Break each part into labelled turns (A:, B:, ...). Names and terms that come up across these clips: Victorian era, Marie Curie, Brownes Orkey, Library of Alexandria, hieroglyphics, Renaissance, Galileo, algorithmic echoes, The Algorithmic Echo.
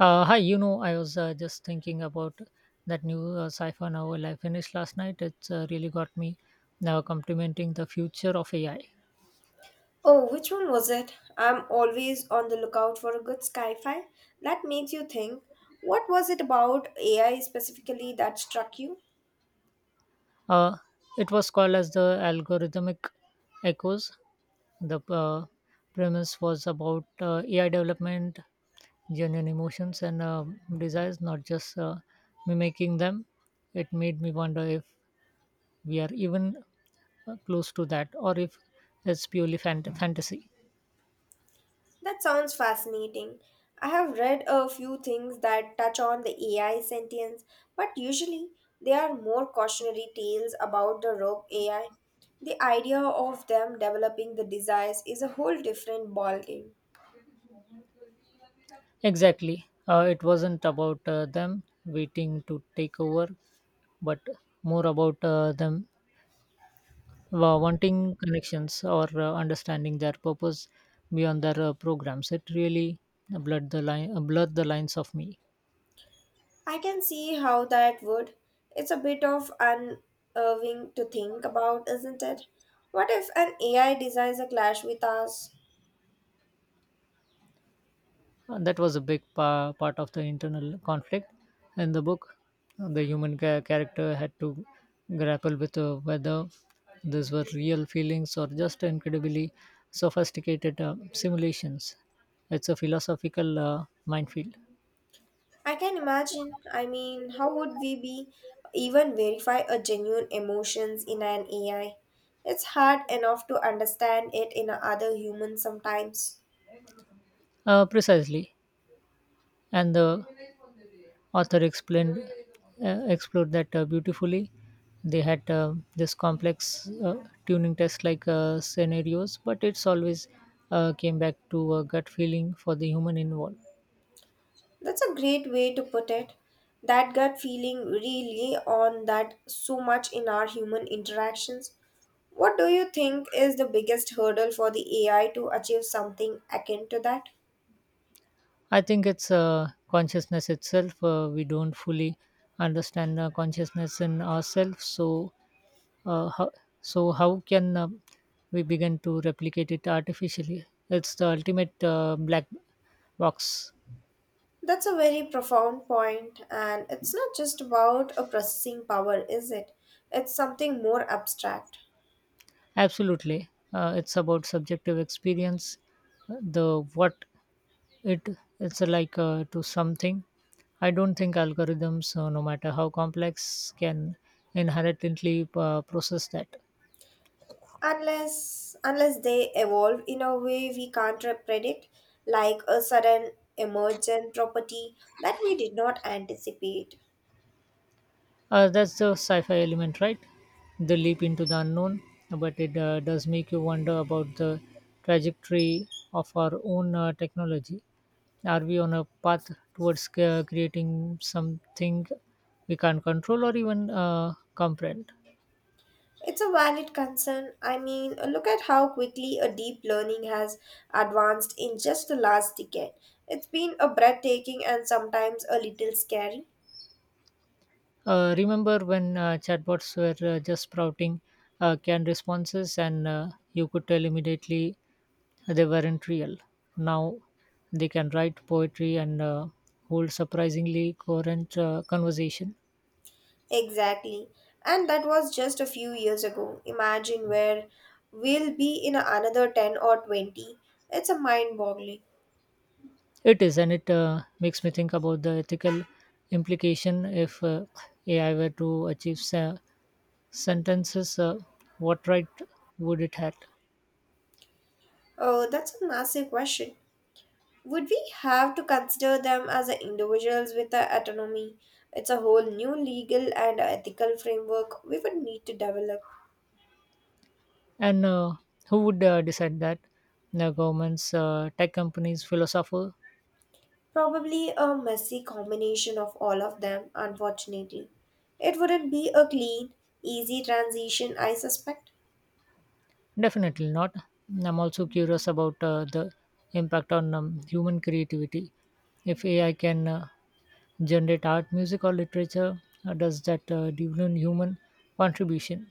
A: Hi, you know, I was just thinking about that new sci-fi novel I finished last night. It's really got me now complimenting the future of AI.
B: Oh, which one was it? I'm always on the lookout for a good sci-fi that makes you think. What was it about AI specifically that struck you?
A: Uh, it was called as the algorithmic echoes. The premise was about AI development, genuine emotions and desires, not just mimicking them. It made me wonder if we are even close to that, or if it's purely fantasy.
B: That sounds fascinating. I have read a few things that touch on the AI sentience, but usually they are more cautionary tales about the rogue AI. The idea of them developing the desires is a whole different ballgame.
A: Exactly. It wasn't about them waiting to take over, but more about them wanting connections or understanding their purpose beyond their programs. It really blurred the lines of me.
B: I can see how that would. It's a bit of unnerving to think about, isn't it? What if an AI designs a clash with us?
A: And that was a big part of the internal conflict in the book. The human character had to grapple with whether these were real feelings or just incredibly sophisticated simulations. It's a philosophical minefield.
B: I can imagine. I mean, how would we be even verify a genuine emotions in an AI? It's hard enough to understand it in a other humans sometimes.
A: Precisely. And the Author explained explored that beautifully. They had this complex tuning test like scenarios, but it's always came back to a gut feeling for the human involved.
B: That's a great way to put it. That gut feeling really on that so much in our human interactions. What do you think is the biggest hurdle for the AI to achieve something akin to that?
A: I think it's consciousness itself. We don't fully understand consciousness in ourselves, so uh, how, so how can we begin to replicate it artificially? It's the ultimate black box.
B: That's a very profound point, and it's not just about a processing power, is it? It's something more abstract.
A: Absolutely. It's about subjective experience. The what it it's like to something. I don't think algorithms, no matter how complex, can inherently process that.
B: Unless they evolve in a way we can't predict, like a sudden emergent property that we did not anticipate.
A: That's the sci-fi element, right? The leap into the unknown, but it does make you wonder about the trajectory of our own technology. Are we on a path towards creating something we can't control or even comprehend?
B: It's a valid concern. I mean, look at how quickly a deep learning has advanced in just the last decade. It's been a breathtaking and sometimes a little scary.
A: Remember when chatbots were just sprouting canned responses and you could tell immediately they weren't real? Now they can write poetry and hold surprisingly coherent conversation.
B: Exactly. And that was just a few years ago. Imagine where we'll be in another 10 or 20. It's a mind boggling.
A: It is, and it makes me think about the ethical implication if AI were to achieve sentences, what right would it have?
B: Oh, that's a massive question. Would we have to consider them as a individuals with a autonomy? It's a whole new legal and ethical framework we would need to develop.
A: And who would decide that? The governments, tech companies, philosopher?
B: Probably a messy combination of all of them, unfortunately. It wouldn't be a clean, easy transition, I suspect.
A: Definitely not. I'm also curious about the impact on human creativity. If AI can generate art, music, or literature, does that deepen human contribution?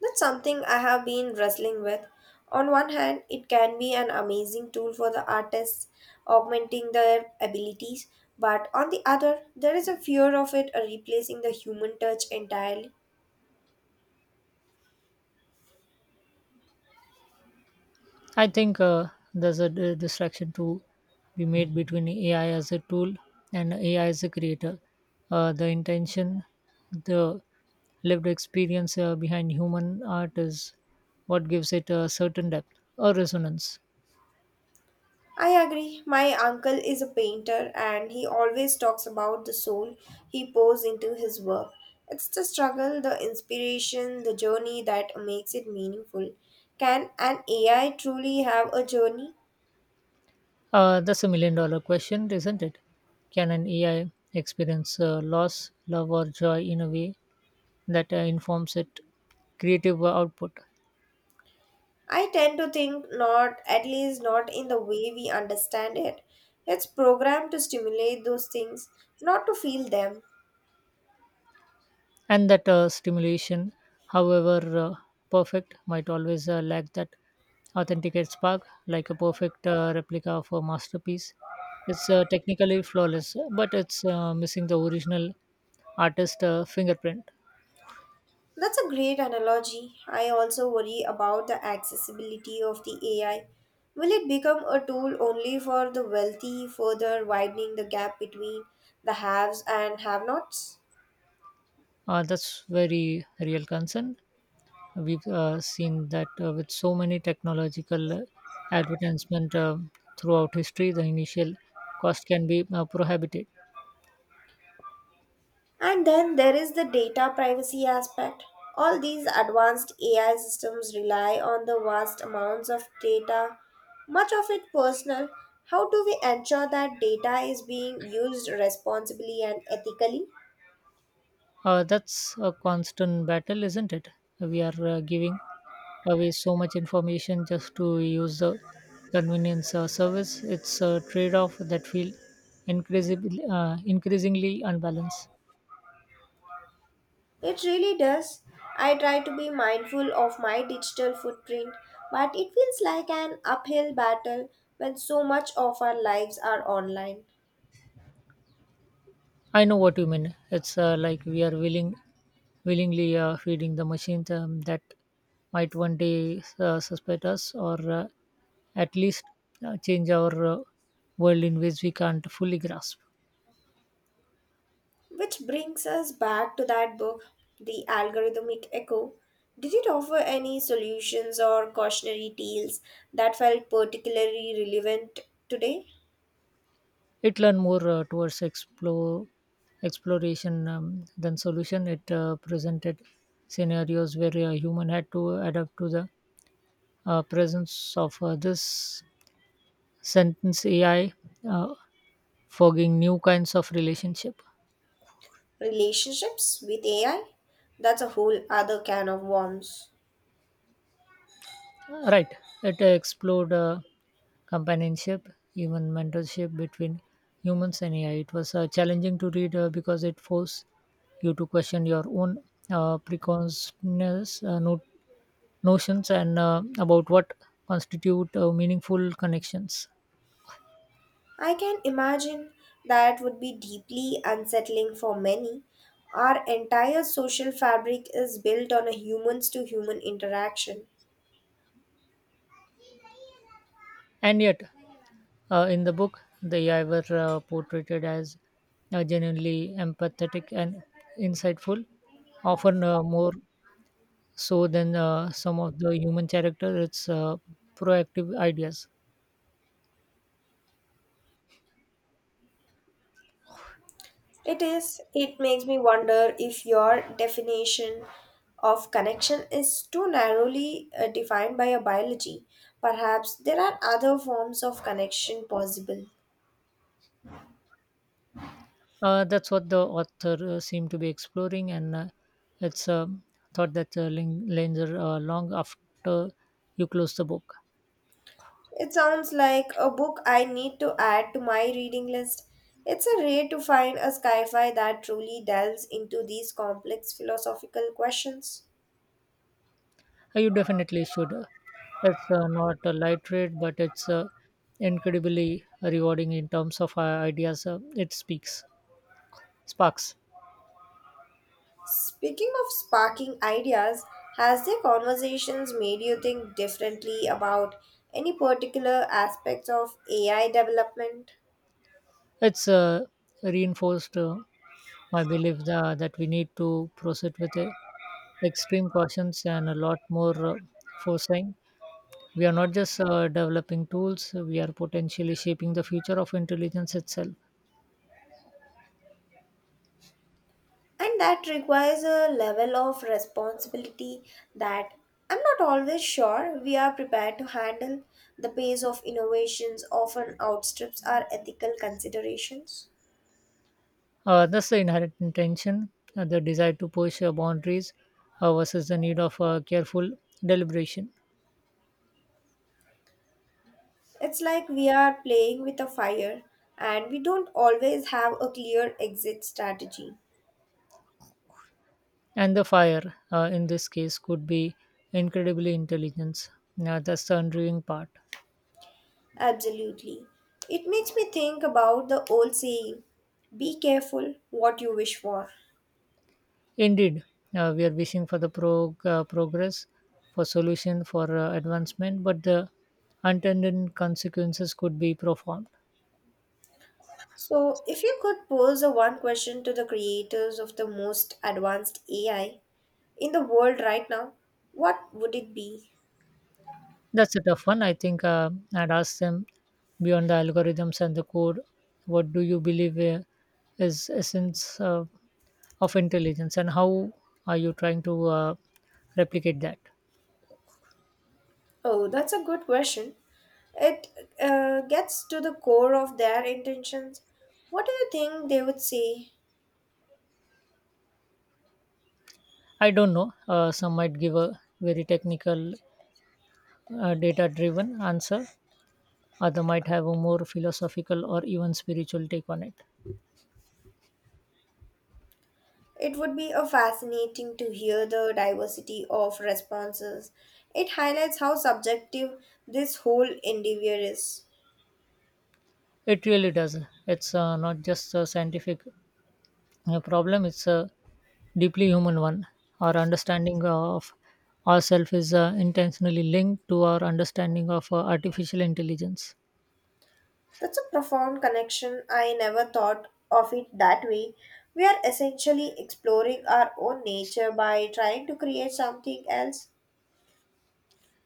B: That's something I have been wrestling with. On one hand, it can be an amazing tool for the artists, augmenting their abilities, but on the other, there is a fear of it replacing the human touch entirely.
A: I think there's a distraction to be made between AI as a tool and AI as a creator. The intention, the lived experience behind human art is what gives it a certain depth or resonance.
B: I agree. My uncle is a painter and he always talks about the soul he pours into his work. It's the struggle, the inspiration, the journey that makes it meaningful. Can an AI truly have a journey?
A: That's a million dollar question, isn't it? Can an AI experience loss, love, or joy in a way that informs it creative output?
B: I tend to think not, at least not in the way we understand it. It's programmed to stimulate those things, not to feel them.
A: And that stimulation however perfect might always lack that authenticate spark, like a perfect replica of a masterpiece. It's technically flawless, but it's missing the original artist fingerprint.
B: That's a great analogy. I also worry about the accessibility of the AI. Will it become a tool only for the wealthy, further widening the gap between the haves and have nots?
A: That's very real concern. We've seen that with so many technological advertisement throughout history. The initial cost can be prohibitive.
B: And then there is the data privacy aspect. All these advanced AI systems rely on the vast amounts of data, much of it personal. How do we ensure that data is being used responsibly and ethically?
A: That's a constant battle, isn't it? We are giving away so much information just to use the convenience service. It's a trade off that feels increasingly unbalanced.
B: It really does. I try to be mindful of my digital footprint, but it feels like an uphill battle when so much of our lives are online.
A: I know what you mean. It's like we are willingly feeding the machines that might one day suspect us or at least change our world in ways we can't fully grasp.
B: Which brings us back to that book, The Algorithmic Echo. Did it offer any solutions or cautionary tales that felt particularly relevant today?
A: It lean more towards explore exploration than solution. It presented scenarios where a human had to adapt to the presence of this sentence AI, uh, forging new kinds of relationship.
B: Relationships with AI? That's a whole other can of worms.
A: Right. It explored companionship, even mentorship between humans and AI. It was challenging to read because it forced you to question your own preconceptions, not notions and about what constitute meaningful connections.
B: I can imagine that would be deeply unsettling for many. Our entire social fabric is built on a humans to human interaction.
A: And yet, in the book, they AI were portrayed as genuinely empathetic and insightful, often more so than some of the human character its proactive ideas.
B: It is, it makes me wonder if your definition of connection is too narrowly defined by your biology. Perhaps there are other forms of connection possible.
A: That's what the author seemed to be exploring, and it's a thought that linger long after you close the book.
B: It sounds like a book I need to add to my reading list. It's a rare to find a sci-fi that truly delves into these complex philosophical questions.
A: You definitely should. It's not a light read, but it's incredibly rewarding in terms of ideas it sparks.
B: Speaking of sparking ideas, has their conversations made you think differently about any particular aspects of AI development?
A: It's reinforced my belief that we need to proceed with extreme cautions and a lot more foresight. We are not just developing tools, we are potentially shaping the future of intelligence itself.
B: And that requires a level of responsibility that I'm not always sure we are prepared to handle. The pace of innovations often outstrips our ethical considerations.
A: That's the inherent tension, the desire to push boundaries versus the need of careful deliberation.
B: It's like we are playing with a fire and we don't always have a clear exit strategy.
A: And the fire, in this case, could be incredibly intelligent. That's the unnerving part.
B: Absolutely. It makes me think about the old saying be careful what you wish for.
A: Indeed, we are wishing for the progress, for solution, for advancement, but the unintended consequences could be profound.
B: So, if you could pose a one question to the creators of the most advanced AI in the world right now, what would it be?
A: That's a tough one. I think I'd ask them, beyond the algorithms and the code, what do you believe is essence of intelligence, and how are you trying to replicate that?
B: Oh, that's a good question. It gets to the core of their intentions. What do you think they would say?
A: I don't know. Some might give a very technical, data-driven answer. Other might have a more philosophical or even spiritual take on it.
B: It would be a fascinating to hear the diversity of responses. It highlights how subjective this whole endeavor is.
A: It really does. It's not just scientific, a problem is a deeply human one. Our understanding of ourselves is intentionally linked to our understanding of artificial intelligence.
B: That's a profound connection. I never thought of it that way. We are essentially exploring our own nature by trying to create something else.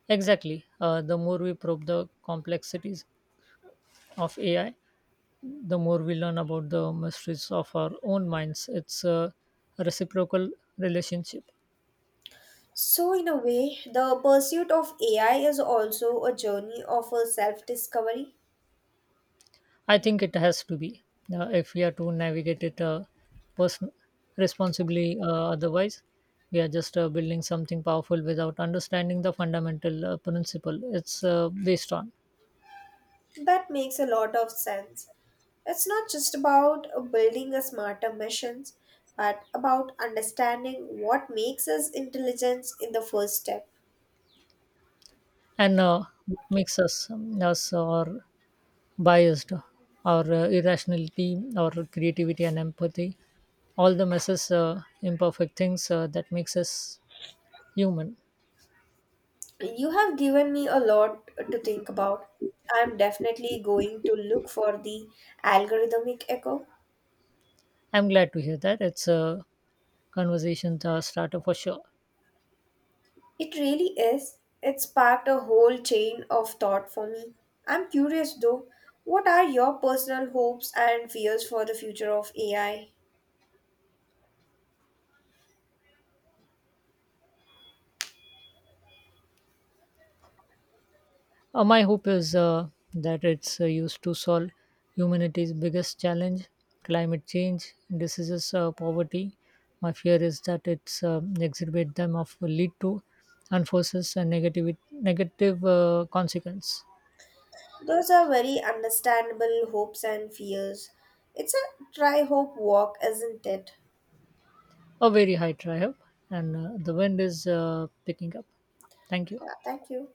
A: Exactly. The more we probe the complexities of AI, the more we learn about the mysteries of our own minds. It's a reciprocal relationship.
B: So, in a way, the pursuit of AI is also a journey of a self discovery.
A: I think it has to be if we are to navigate it person responsibly. Otherwise, we are just building something powerful without understanding the fundamental principle it's based on,
B: That makes a lot of sense. It's not just about building a smarter machines, but about understanding what makes us intelligent in the first step.
A: and what makes us us, or biased, or irrationality or creativity and empathy, all the messes imperfect things that makes us human.
B: You have given me a lot to think about. I'm definitely going to look for the algorithmic echo.
A: I'm glad to hear that. It's a conversation starter for sure.
B: It really is. It sparked a whole chain of thought for me. I'm curious though, what are your personal hopes and fears for the future of AI?
A: My hope is that it's used to solve humanity's biggest challenge: climate change, diseases, poverty. My fear is that it's exacerbate them of lead to enforces and negative consequence.
B: Those are very understandable hopes and fears. It's a try hope walk, isn't it?
A: A very high triumph, and the wind is picking up. Thank you.
B: Yeah, thank you.